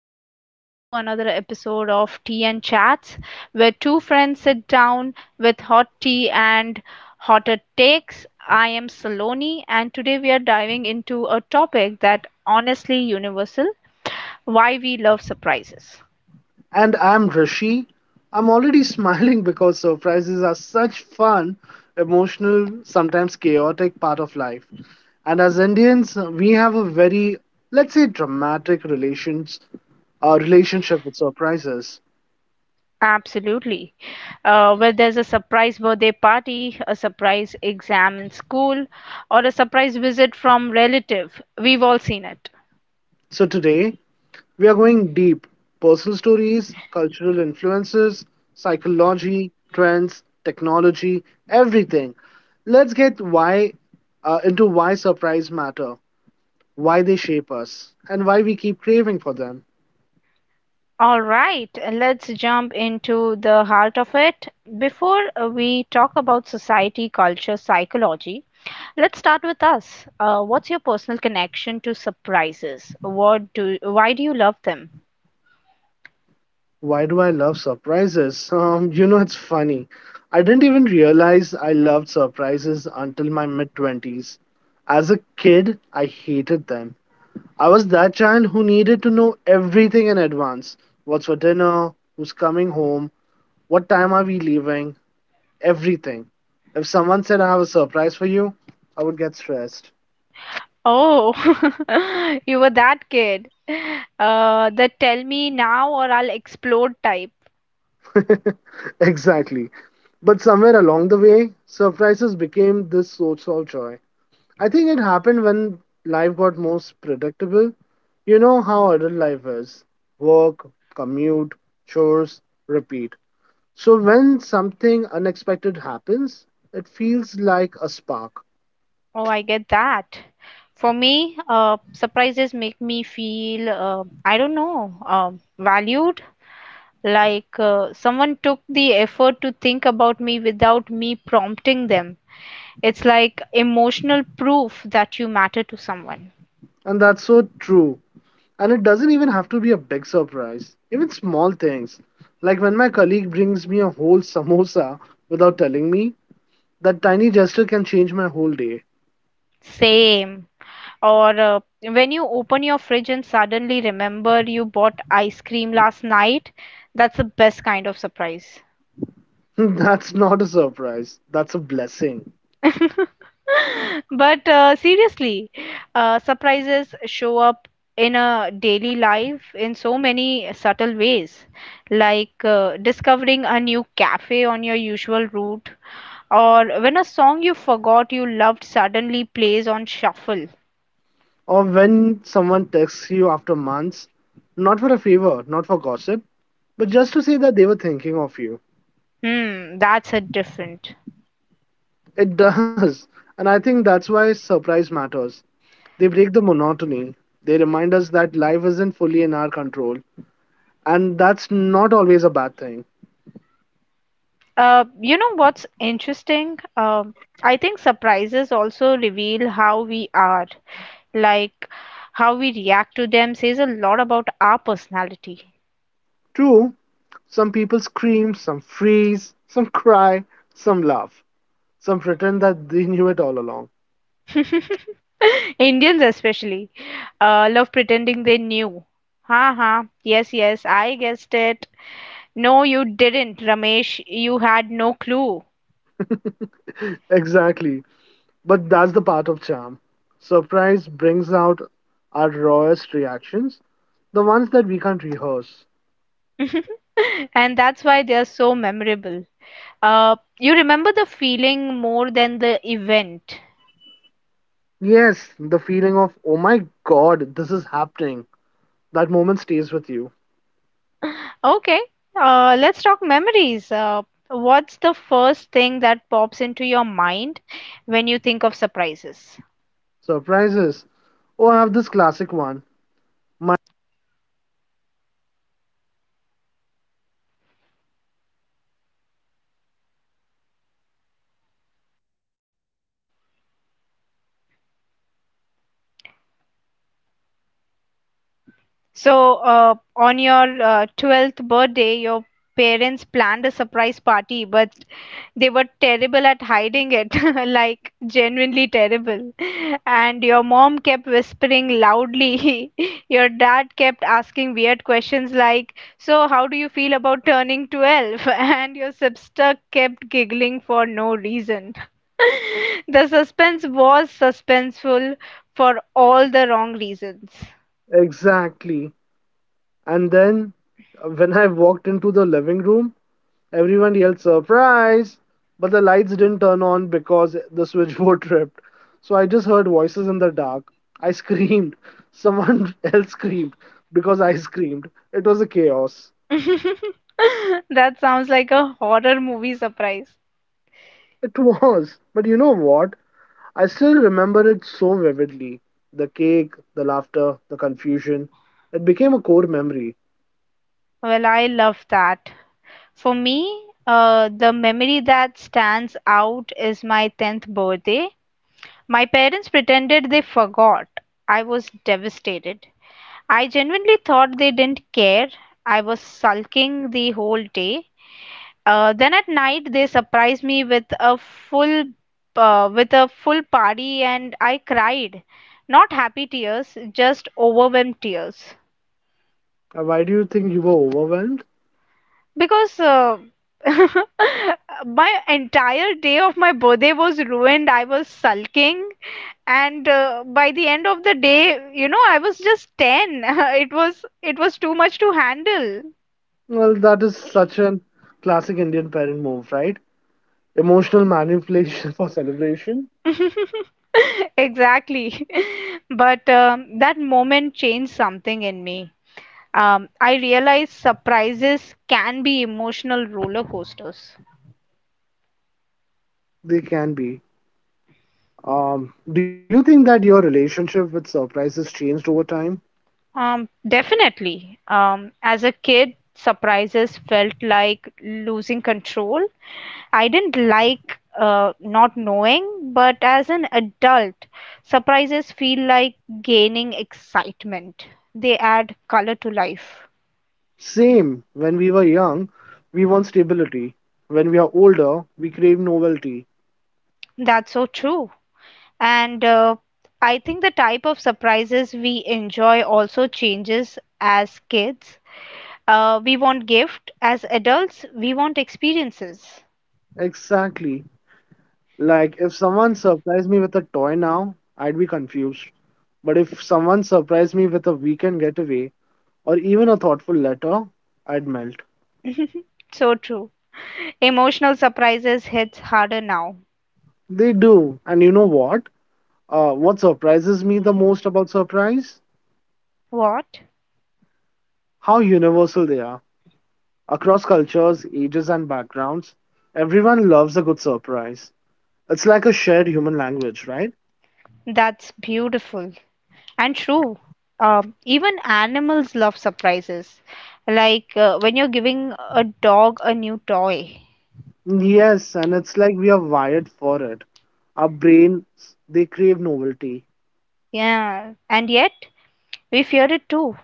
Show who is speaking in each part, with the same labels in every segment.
Speaker 1: welcome back to another episode of Tea and Chats, where two friends sit down with hot tea and hotter takes. I am Saloni, and today we are diving into a topic that honestly universal why we love surprises.
Speaker 2: And I'm Rishi. I'm already smiling because surprises are such fun, emotional, sometimes chaotic part of life. And as Indians, we have a very, let's say, dramatic relationship with surprises.
Speaker 1: Absolutely. Where there's a surprise birthday party, a surprise exam in school, or a surprise visit from relative, we've all seen it.
Speaker 2: So today, we are going deep personal stories, cultural influences, psychology, trends, technology, everything. Let's get why into why surprise matter. Why they shape us, and why we keep craving for them.
Speaker 1: All right, let's jump into the heart of it. Before we talk about society, culture, psychology, let's start with us. What's your personal connection to surprises? Why do you love them?
Speaker 2: Why do I love surprises? It's funny. I didn't even realize I loved surprises until my mid 20s. As a kid, I hated them. I was that child who needed to know everything in advance, what's for dinner, who's coming home, what time are we leaving, everything. If someone said, I have a surprise for you, I would get stressed.
Speaker 1: Oh, you were that kid. The tell me now or I'll explode type.
Speaker 2: Exactly. But somewhere along the way, surprises became this source of joy. I think it happened when life got most predictable. You know how adult life is, work, commute, chores, repeat. So when something unexpected happens, it feels like a spark.
Speaker 1: Oh, I get that. For me, surprises make me feel, I don't know, valued. Like someone took the effort to think about me without me prompting them. It's like emotional proof that you matter to someone.
Speaker 2: And that's so true. And it doesn't even have to be a big surprise. Even small things. Like when my colleague brings me a whole samosa without telling me, that tiny gesture can change my whole day.
Speaker 1: Same. Or when you open your fridge and suddenly remember you bought ice cream last night, that's the best kind of surprise.
Speaker 2: That's not a surprise. That's a blessing.
Speaker 1: But seriously, surprises show up in a daily life in so many subtle ways, like discovering a new cafe on your usual route, or when a song you forgot you loved suddenly plays on shuffle.
Speaker 2: Or when someone texts you after months, not for a favor, not for gossip, but just to say that they were thinking of you.
Speaker 1: Hmm, that's a different.
Speaker 2: It does. And I think that's why surprise matters. They break the monotony. They remind us that life isn't fully in our control. And that's not always a bad thing.
Speaker 1: You know what's interesting? I think surprises also reveal how we are. Like how we react to them says a lot about our personality.
Speaker 2: True, some people scream, some freeze, some cry, some laugh. Some pretend that they knew it all along.
Speaker 1: Indians especially love pretending they knew. Ha ha. Yes, yes, I guessed it. No, you didn't, Ramesh. You had no clue.
Speaker 2: Exactly. But that's the part of charm. Surprise brings out our rawest reactions, the ones that we can't rehearse.
Speaker 1: And that's why they are so memorable. You remember the feeling more than the event.
Speaker 2: Yes, the feeling of, oh my god, this is happening. That moment stays with you.
Speaker 1: Okay, let's talk memories. What's the first thing that pops into your mind when you think of surprises?
Speaker 2: Surprises. Oh, I have this classic one. My-
Speaker 1: So, on your 12th birthday, your parents planned a surprise party, but they were terrible at hiding it, like genuinely terrible. And your mom kept whispering loudly. Your dad kept asking weird questions like, "So, how do you feel about turning 12?" And your sister kept giggling for no reason. The suspense was suspenseful for all the wrong reasons.
Speaker 2: exactly. And then when I walked into the living room, everyone yelled surprise, but the lights didn't turn on because the switchboard tripped. So I just heard voices in the dark. I screamed. Someone else screamed because I screamed. It was a chaos.
Speaker 1: That sounds like a horror movie surprise.
Speaker 2: It was. But you know what? I still remember it so vividly. The cake, the laughter, the confusion. It became a core memory.
Speaker 1: Well, I love that. For me, the memory that stands out is my 10th birthday. My parents pretended they forgot. I was devastated. I genuinely thought they didn't care. I was sulking the whole day. Then at night they surprised me with a full party and I cried. Not happy tears, just overwhelmed tears.
Speaker 2: Why do you think you were overwhelmed?
Speaker 1: Because my entire day of my birthday was ruined. I was sulking, and by the end of the day, you know, I was just 10. It was too much to handle.
Speaker 2: Well, that is such an classic Indian parent move, right? Emotional manipulation for celebration.
Speaker 1: Exactly. But that moment changed something in me. I realized surprises can be emotional roller coasters.
Speaker 2: They can be. Do you think that your relationship with surprises changed over time?
Speaker 1: Definitely. As a kid, surprises felt like losing control. I didn't like not knowing, but as an adult, surprises feel like gaining excitement. They add color to life.
Speaker 2: Same. When we were young, we want stability. When we are older, we crave novelty.
Speaker 1: That's so true. And I think the type of surprises we enjoy also changes as kids. We want gift. As adults, we want experiences.
Speaker 2: Exactly. Like if someone surprised me with a toy now, I'd be confused. But if someone surprised me with a weekend getaway or even a thoughtful letter, I'd melt.
Speaker 1: So true. Emotional surprises hits harder now.
Speaker 2: They do. And you know what? What surprises me the most about surprise?
Speaker 1: What?
Speaker 2: How universal they are. Across cultures, ages, and backgrounds, everyone loves a good surprise. It's like a shared human language, right?
Speaker 1: That's beautiful and true. Even animals love surprises. Like when you're giving a dog a new toy.
Speaker 2: Yes, and it's like we are wired for it. Our brains, they crave novelty.
Speaker 1: Yeah, and yet we fear it too.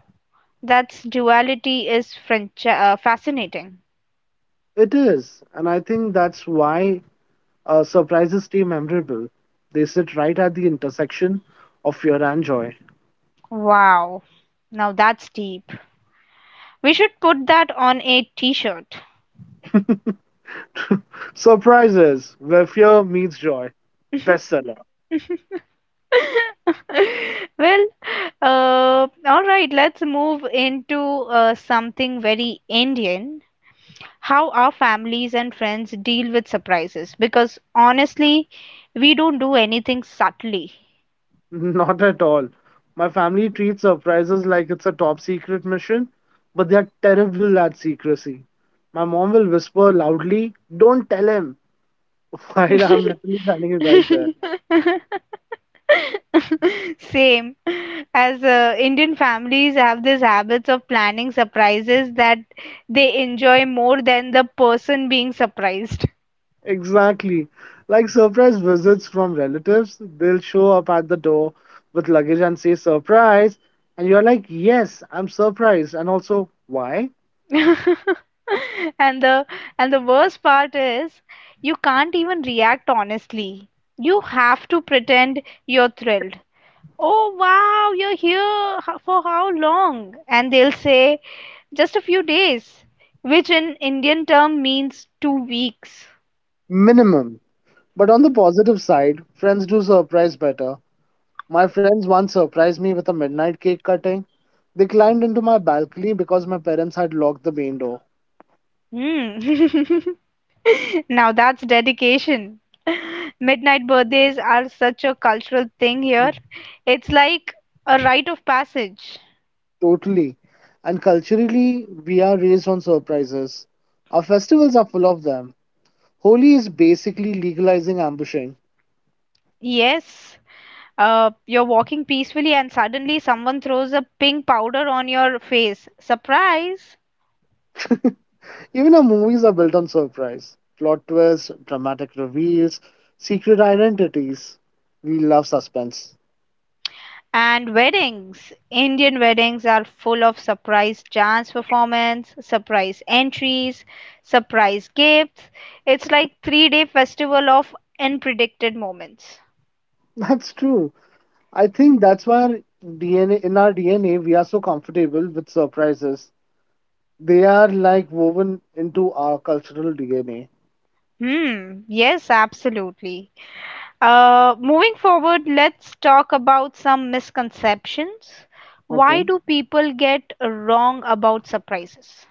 Speaker 1: That's duality is French, fascinating.
Speaker 2: It is, and I think that's why surprises stay memorable. They sit right at the intersection of fear and joy.
Speaker 1: Wow. Now that's deep. We should put that on a t-shirt.
Speaker 2: Surprises, where fear meets joy. Bestseller.
Speaker 1: Well, all right, let's move into something very Indian. How our families and friends deal with surprises, because honestly, we don't do anything subtly.
Speaker 2: Not at all. My family treats surprises like it's a top secret mission, but they're terrible at secrecy. My mom will whisper loudly, don't tell him, while I'm literally standing right there.
Speaker 1: Same. As Indian families have these habits of planning surprises that they enjoy more than the person being surprised.
Speaker 2: Exactly. Like surprise visits from relatives, they'll show up at the door with luggage and say, surprise. And you're like, yes, I'm surprised. And also, why?
Speaker 1: and the and the worst part is you can't even react honestly. You have to pretend you're thrilled. Oh wow, you're here for how long? And they'll say just a few days, which in Indian term means 2 weeks.
Speaker 2: Minimum. But on the positive side, friends do surprise better. My friends once surprised me with a midnight cake cutting. They climbed into my balcony because my parents had locked the main door.
Speaker 1: Hmm. Now that's dedication. Midnight birthdays are such a cultural thing here. It's like a rite of passage.
Speaker 2: Totally. And culturally, we are raised on surprises. Our festivals are full of them. Holi is basically legalizing ambushing.
Speaker 1: Yes, you're walking peacefully, and suddenly someone throws a pink powder on your face. Surprise!
Speaker 2: Even our movies are built on surprise plot twists, dramatic reveals, secret identities. We love suspense.
Speaker 1: And weddings. Indian weddings are full of surprise dance performance, surprise entries, surprise gifts. It's like three-day festival of unpredicted moments.
Speaker 2: That's true. I think that's why our DNA in our DNA we are so comfortable with surprises. They are like woven into our cultural DNA.
Speaker 1: Hmm, yes, absolutely. Moving forward, let's talk about some misconceptions.
Speaker 2: Okay.
Speaker 1: Why do people get wrong about surprises?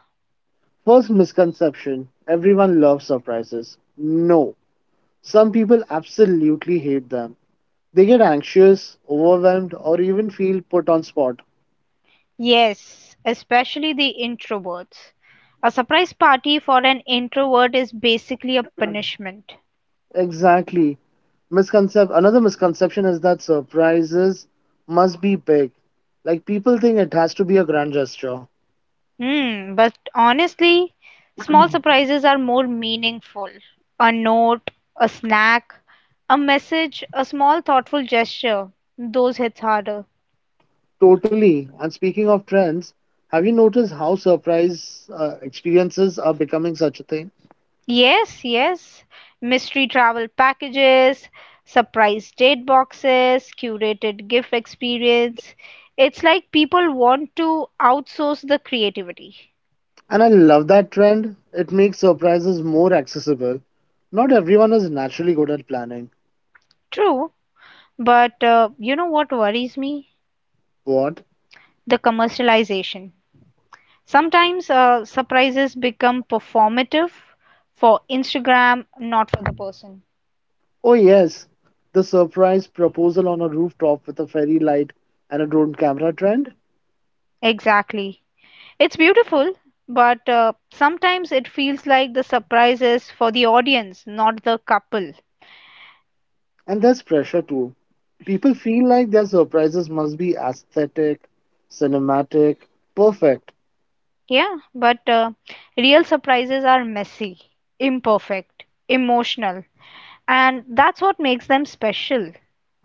Speaker 2: First misconception, everyone loves surprises. No, some people absolutely hate them. They get anxious, overwhelmed, or even feel put on spot.
Speaker 1: Yes, especially the introverts. A surprise party for an introvert is basically a punishment.
Speaker 2: Exactly. Misconcept another misconception is that surprises must be big. Like people think it has to be a grand gesture.
Speaker 1: Hmm, but honestly, small surprises are more meaningful. A note, a snack, a message, a small thoughtful gesture, those hits harder.
Speaker 2: Totally. And speaking of trends, have you noticed how surprise experiences are becoming such a thing?
Speaker 1: Yes, yes. Mystery travel packages, surprise date boxes, curated gift experience. It's like people want to outsource the creativity.
Speaker 2: And I love that trend. It makes surprises more accessible. Not everyone is naturally good at planning.
Speaker 1: True, but you know what worries me?
Speaker 2: What?
Speaker 1: The commercialization. Sometimes surprises become performative for Instagram, not for the person.
Speaker 2: Oh, yes. The surprise proposal on a rooftop with a fairy light and a drone camera trend.
Speaker 1: Exactly. It's beautiful, but sometimes it feels like the surprises for the audience, not the couple.
Speaker 2: And there's pressure too. People feel like their surprises must be aesthetic, cinematic, perfect.
Speaker 1: Yeah, but real surprises are messy, imperfect, emotional, and that's what makes them special.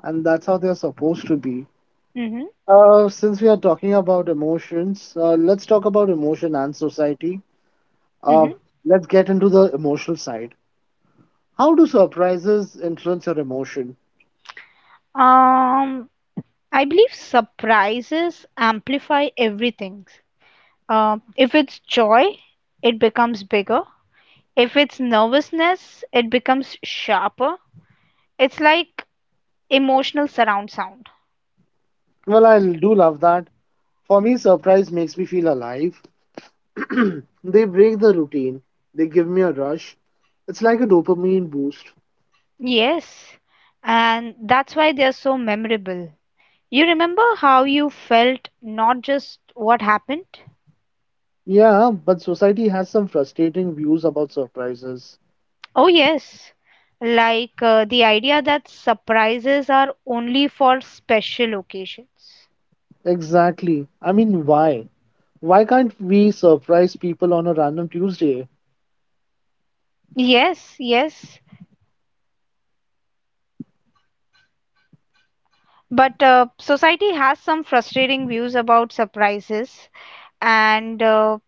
Speaker 2: And that's how they're supposed to be.
Speaker 1: hmm
Speaker 2: Since we are talking about emotions, let's talk about emotion and society. Uh,
Speaker 1: hmm
Speaker 2: let's get into the emotional side. How do surprises influence your emotion?
Speaker 1: Um, I believe surprises amplify everything. If it's joy, it becomes bigger. If it's nervousness, it becomes sharper. It's like emotional surround sound.
Speaker 2: Well, I do love that. For me, surprise makes me feel alive. They break the routine, they give me a rush. It's like a dopamine boost.
Speaker 1: Yes, and that's why they are so memorable. You remember how you felt, not just what happened?
Speaker 2: Yeah, but society has some frustrating views about surprises.
Speaker 1: Oh, yes. Like the idea that surprises are only for special occasions.
Speaker 2: Exactly. I mean, why? Why can't we surprise people on a random Tuesday?
Speaker 1: Yes, yes. But society has some frustrating views about surprises, and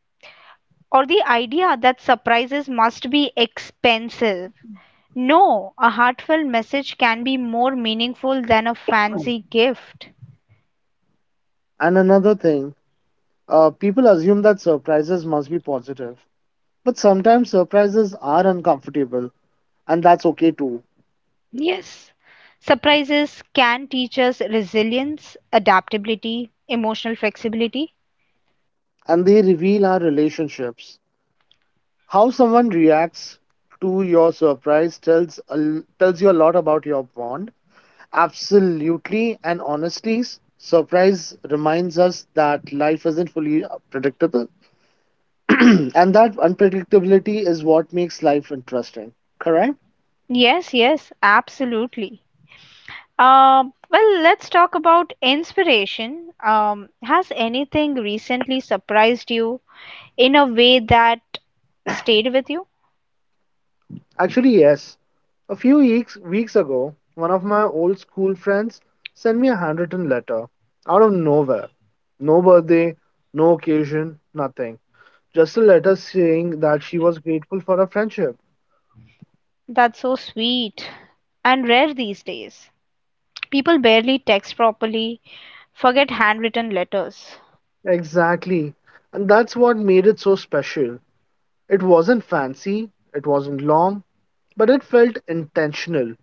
Speaker 1: or the idea that surprises must be expensive. No, a heartfelt message can be more meaningful than a fancy gift.
Speaker 2: And another thing, people assume that surprises must be positive. But sometimes surprises are uncomfortable, and that's okay too.
Speaker 1: Yes, surprises can teach us resilience, adaptability, emotional flexibility.
Speaker 2: And they reveal our relationships. How someone reacts to your surprise tells a l tells you a lot about your bond. Absolutely, and honestly, surprise reminds us that life isn't fully predictable, and that unpredictability is what makes life interesting. Correct?
Speaker 1: Yes, yes, absolutely. Well, let's talk about inspiration. Has anything recently surprised you in a way that stayed with you?
Speaker 2: Actually, yes. A few weeks ago, one of my old school friends sent me a handwritten letter out of nowhere. No birthday, no occasion, nothing. Just a letter saying that she was grateful for our friendship.
Speaker 1: That's so sweet and rare these days. People barely text properly, forget handwritten letters.
Speaker 2: Exactly. And that's what made it so special. It wasn't fancy, it wasn't long, but it felt intentional.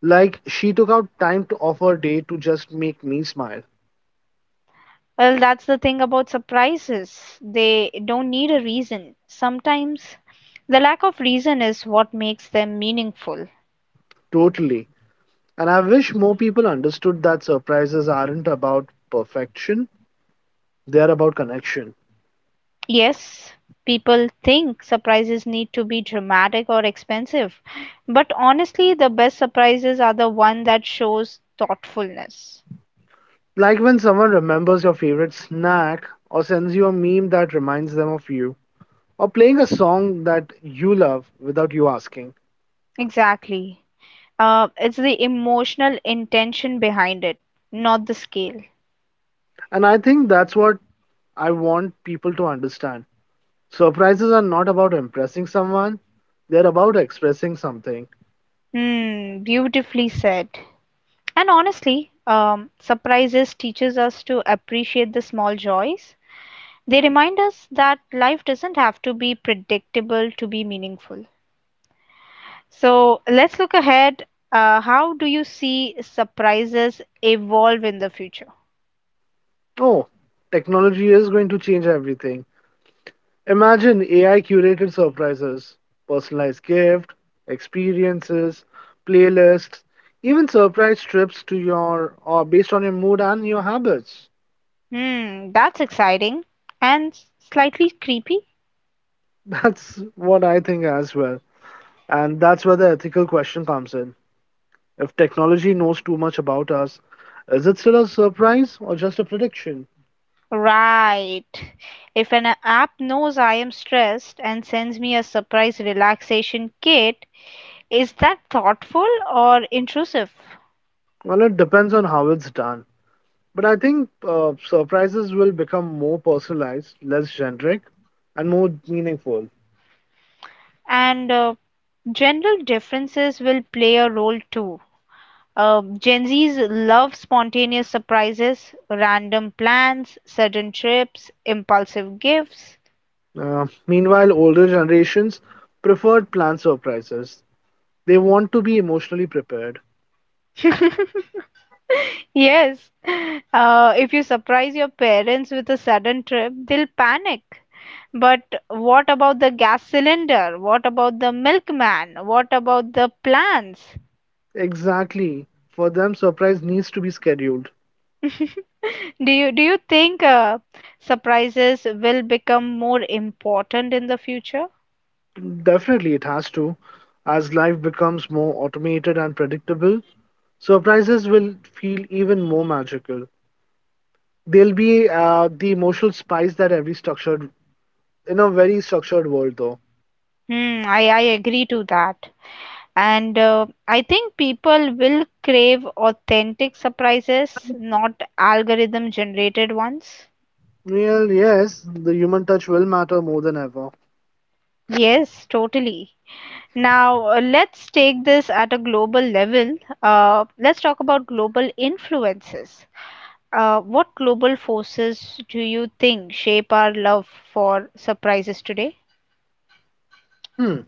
Speaker 2: Like she took out time to of her day to just make me smile.
Speaker 1: Well, that's the thing about surprises. They don't need a reason. Sometimes the lack of reason is what makes them meaningful.
Speaker 2: Totally. And I wish more people understood that surprises aren't about perfection, they are about connection.
Speaker 1: Yes, people think surprises need to be dramatic or expensive, but honestly, the best surprises are the one that shows thoughtfulness.
Speaker 2: Like when someone remembers your favorite snack, or sends you a meme that reminds them of you, or playing a song that you love without you asking.
Speaker 1: Exactly. It's the emotional intention behind it, not the scale.
Speaker 2: And I think that's what I want people to understand. Surprises are not about impressing someone, they're about expressing something.
Speaker 1: Hmm, beautifully said. And honestly, surprises teaches us to appreciate the small joys. They remind us that life doesn't have to be predictable to be meaningful. So let's look ahead. How do you see surprises evolve in the future?
Speaker 2: Oh, technology is going to change everything. Imagine AI curated surprises, personalized gift, experiences, playlists, even surprise trips to your or based on your mood and your habits.
Speaker 1: Hmm, that's exciting and slightly creepy.
Speaker 2: That's what I think as well. And that's where the ethical question comes in. If technology knows too much about us, is it still a surprise or just a prediction?
Speaker 1: Right. If an app knows I am stressed and sends me a surprise relaxation kit, is that thoughtful or intrusive?
Speaker 2: Well, it depends on how it's done. But I think surprises will become more personalized, less generic, and more meaningful.
Speaker 1: And general differences will play a role too. Gen Zs love spontaneous surprises, random plans, sudden trips, impulsive gifts.
Speaker 2: Meanwhile, older generations preferred planned surprises. They want to be emotionally prepared.
Speaker 1: Yes, if you surprise your parents with a sudden trip, they'll panic. But what about the gas cylinder? What about the milkman? What about the plans?
Speaker 2: Exactly. For them, surprise needs to be scheduled.
Speaker 1: Do you think surprises will become more important in the future?
Speaker 2: Definitely, it has to. As life becomes more automated and predictable, surprises will feel even more magical. They'll be the emotional spice that in a very structured world, though.
Speaker 1: Hmm, I agree to that. And I think people will crave authentic surprises, not algorithm generated ones.
Speaker 2: Well, yes, the human touch will matter more than ever.
Speaker 1: Yes, totally. Now, let's take this at a global level. Let's talk about global influences. What global forces do you think shape our love for surprises today?
Speaker 2: Hmm.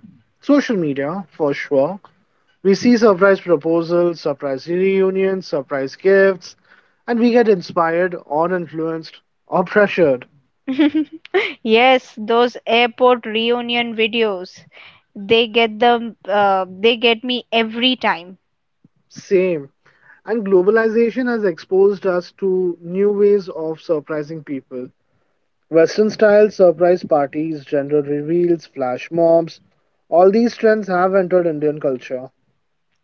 Speaker 2: Social media, for sure. We see surprise proposals, surprise reunions, surprise gifts, and we get inspired or influenced or pressured.
Speaker 1: Yes, those airport reunion videos, they get me every time.
Speaker 2: Same. And globalization has exposed us to new ways of surprising people. Western style surprise parties, gender reveals, flash mobs, all these trends have entered Indian culture.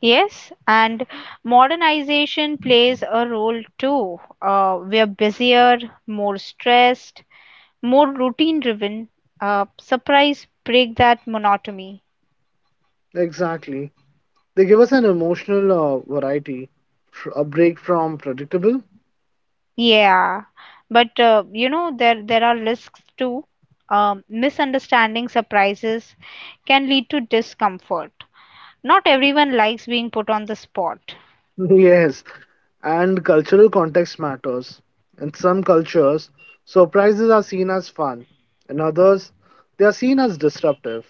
Speaker 1: Yes, and modernization plays a role too. We are busier, more stressed, more routine driven. Surprise break that monotony.
Speaker 2: Exactly. They give us an emotional variety, a break from predictable.
Speaker 1: Yeah, but you know there are risks too. Misunderstanding surprises can lead to discomfort. Not everyone likes being put on the spot.
Speaker 2: Yes, and cultural context matters. In some cultures, surprises are seen as fun. In others, they are seen as disruptive.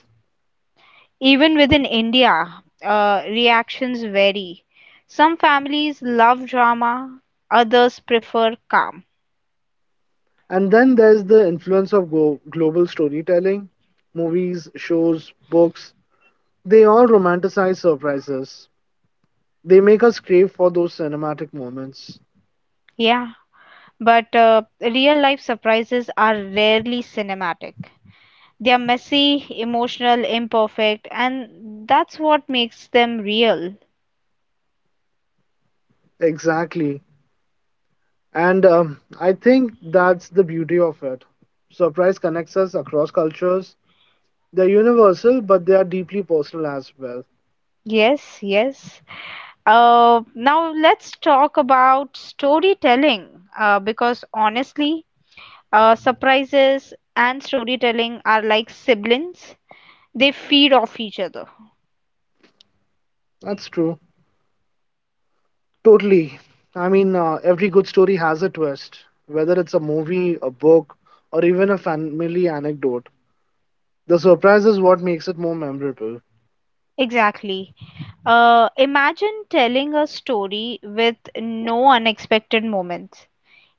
Speaker 1: Even within India, reactions vary. Some families love drama, others prefer calm.
Speaker 2: And then there's the influence of global storytelling. Movies, shows, books, they all romanticize surprises. They make us crave for those cinematic moments.
Speaker 1: Yeah, but real life surprises are rarely cinematic. They are messy, emotional, imperfect, and that's what makes them real.
Speaker 2: Exactly. And I think that's the beauty of it. Surprise connects us across cultures. They're universal, but they are deeply personal as well.
Speaker 1: Yes, yes. Now let's talk about storytelling, because honestly, surprises and storytelling are like siblings, they feed off each other.
Speaker 2: That's true. Totally. I mean, every good story has a twist, whether it's a movie, a book, or even a family anecdote. The surprise is what makes it more memorable.
Speaker 1: Exactly. Imagine telling a story with no unexpected moments.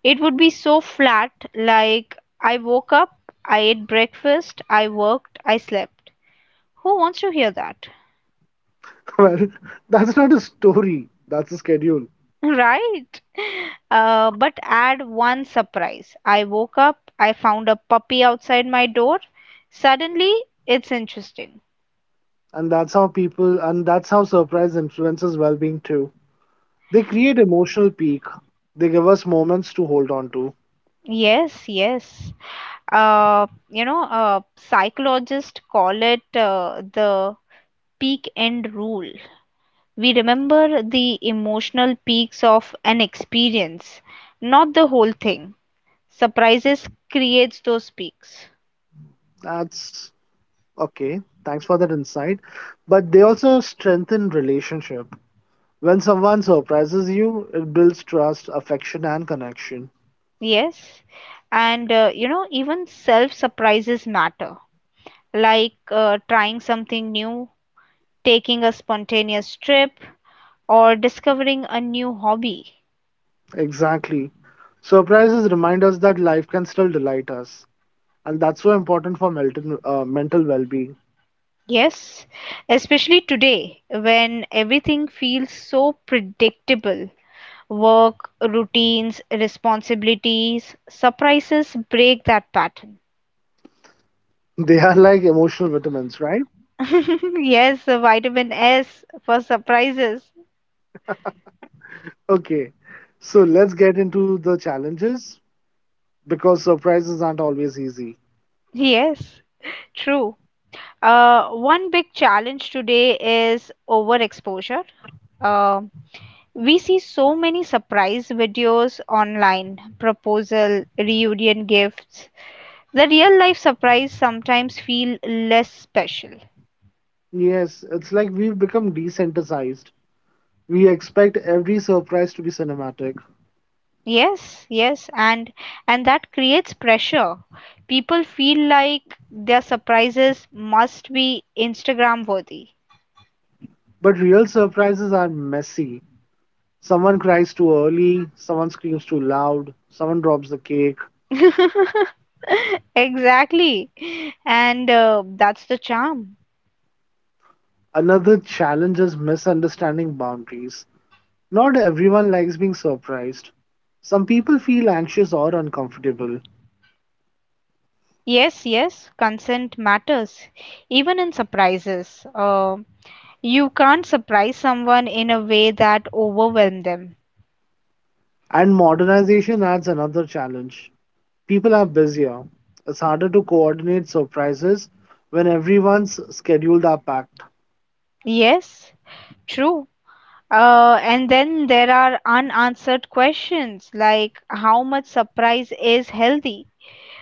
Speaker 1: It would be so flat, like I woke up, I ate breakfast, I worked, I slept. Who wants to hear that?
Speaker 2: Well, that's not a story, that's a schedule.
Speaker 1: Right. But add one surprise. I woke up, I found a puppy outside my door. Suddenly, it's interesting.
Speaker 2: And that's how people, and that's how surprise influences well being too. They create emotional peak, they give us moments to hold on to.
Speaker 1: Yes, yes. You know, psychologists call it the peak end rule. We remember the emotional peaks of an experience, not the whole thing. Surprises creates those peaks.
Speaker 2: That's okay. Thanks for that insight. But they also strengthen relationship. When someone surprises you, it builds trust, affection, and connection.
Speaker 1: Yes. And you know, even self surprises matter, like trying something new, taking a spontaneous trip, or discovering a new hobby.
Speaker 2: Exactly. Surprises remind us that life can still delight us, and that's so important for mental well-being.
Speaker 1: Yes, especially today when everything feels so predictable. Work, routines, responsibilities, surprises break that pattern.
Speaker 2: They are like emotional vitamins, right?
Speaker 1: Yes, the vitamin S for surprises.
Speaker 2: Okay, so let's get into the challenges, because surprises aren't always easy.
Speaker 1: Yes, true. One big challenge today is overexposure. Uh, we see so many surprise videos online, proposal, reunion gifts, the real life surprise sometimes feel less special.
Speaker 2: Yes, it's like we've become desensitized. We expect every surprise to be cinematic,
Speaker 1: Yes, yes, and that creates pressure. People feel like their surprises must be Instagram worthy.
Speaker 2: but real surprises are messy. Someone cries too early, someone screams too loud, someone drops the cake.
Speaker 1: Exactly. And that's the charm.
Speaker 2: Another challenge is misunderstanding boundaries. Not everyone likes being surprised. Some people feel anxious or uncomfortable.
Speaker 1: Yes, yes, consent matters, even in surprises. You can't surprise someone in a way that overwhelms them.
Speaker 2: And modernization adds another challenge. People are busier. It's harder to coordinate surprises when everyone's schedules are packed.
Speaker 1: Yes, true. And then there are unanswered questions like how much surprise is healthy?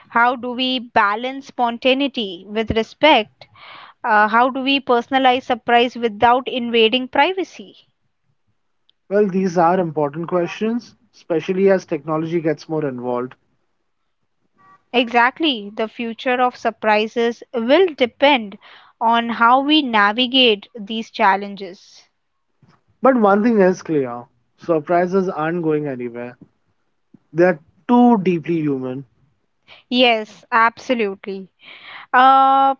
Speaker 1: How do we balance spontaneity with respect? How do we personalize surprise without invading privacy?
Speaker 2: Well, these are important questions, especially as technology gets more involved.
Speaker 1: Exactly, the future of surprises will depend on how we navigate these challenges.
Speaker 2: But one thing is clear: surprises aren't going anywhere. They're too deeply human.
Speaker 1: Yes, absolutely. Uh,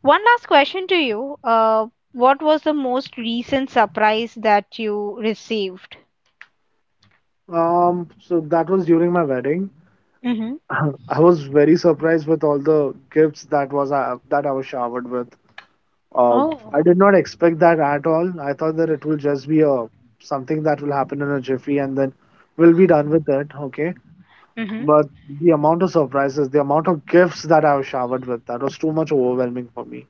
Speaker 1: One last question to you. What was the most recent surprise that you received?
Speaker 2: So that was during my wedding.
Speaker 1: Mm-hmm.
Speaker 2: I was very surprised with all the gifts that was that I was showered with. Uh,
Speaker 1: Oh,
Speaker 2: I did not expect that at all. I thought that it will just be a something that will happen in a jiffy and then we'll be done with it. Okay, but
Speaker 1: mm-hmm.
Speaker 2: the amount of surprises, the amount of gifts that I was showered with, that was too much overwhelming for me.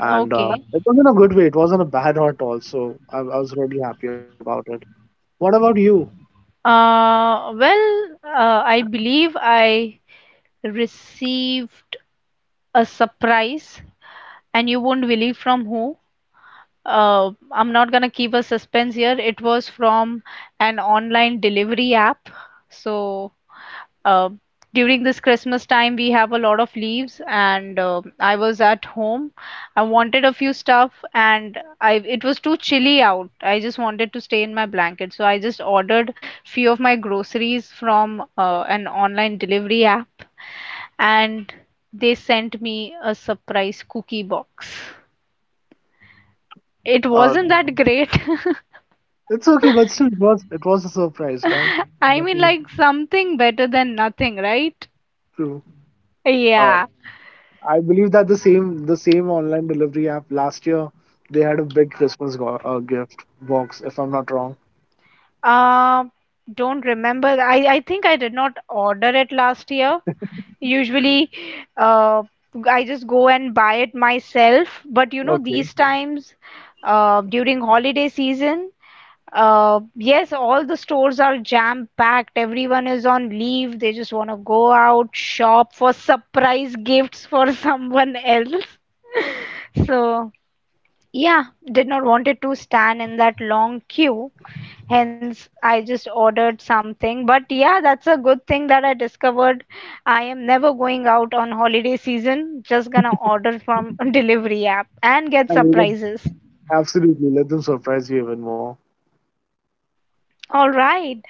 Speaker 2: And
Speaker 1: Okay.
Speaker 2: it was in a good way. It wasn't a bad hurt also. I was really happy about it. What about you?
Speaker 1: Well, I believe I received a surprise, and you won't believe from who. I'm not gonna keep a suspense here. It was from an online delivery app. So uh, during this christmas time we have a lot of leaves and I was at home, I wanted a few stuff and I it was too chilly out, I just wanted to stay in my blanket, so I just ordered few of my groceries from an online delivery app, and they sent me a surprise cookie box. It
Speaker 2: Uh.
Speaker 1: wasn't that great.
Speaker 2: It's okay, but still, it was a surprise, right?
Speaker 1: I
Speaker 2: That
Speaker 1: mean,
Speaker 2: is
Speaker 1: like, something better than nothing, right?
Speaker 2: true. Uh,
Speaker 1: Yeah.
Speaker 2: I believe that the same online delivery app last year they had a big Christmas gift box, if I'm not wrong.
Speaker 1: Uh, don't remember. I think I did not order it last year. Usually, uh, I just go and buy it myself. But you know,
Speaker 2: Okay,
Speaker 1: these times, during holiday season, yes, all the stores are jam-packed. Everyone is on leave. They just want to go out, shop for surprise gifts for someone else. So, yeah, did not wanted to stand in that long queue. Hence, I just ordered something. But yeah, that's a good thing that I discovered. I am never going out on holiday season, just gonna order from delivery app and get
Speaker 2: I mean,
Speaker 1: surprises.
Speaker 2: absolutely, let them surprise you even more.
Speaker 1: All right.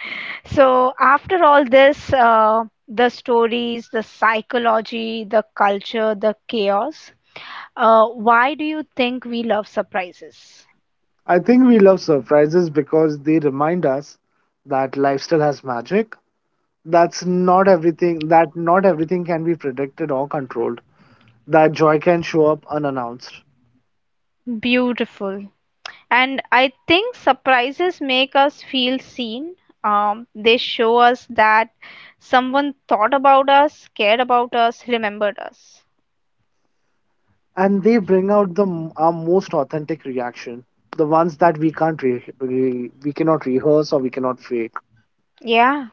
Speaker 1: So, after all this, the stories, the psychology, the culture, the chaos, why do you think we love surprises?
Speaker 2: I think we love surprises because they remind us that life still has magic. That not everything can be predicted or controlled. That joy can show up unannounced.
Speaker 1: Beautiful. And I think surprises make us feel seen. They show us that someone thought about us, cared about us, remembered us.
Speaker 2: And they bring out our most authentic reaction, the ones that we can't re- re- we cannot rehearse or we cannot fake.
Speaker 1: Yeah.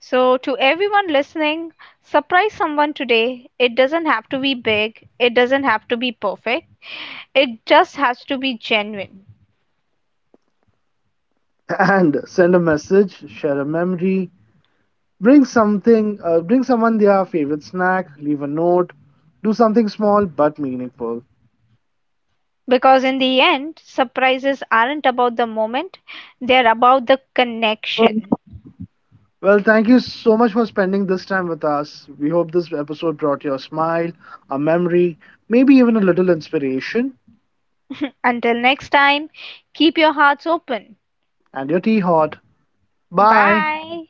Speaker 1: So, to everyone listening, surprise someone today. It doesn't have to be big, it doesn't have to be perfect, it just has to be genuine.
Speaker 2: And send a message, share a memory, bring someone their favorite snack, leave a note, do something small but meaningful.
Speaker 1: Because in the end, surprises aren't about the moment, they're about the connection.
Speaker 2: Well, thank you so much for spending this time with us. We hope this episode brought you a smile, a memory, maybe even a little inspiration.
Speaker 1: Until next time, keep your hearts open.
Speaker 2: And your tea hot. Bye.
Speaker 1: Bye.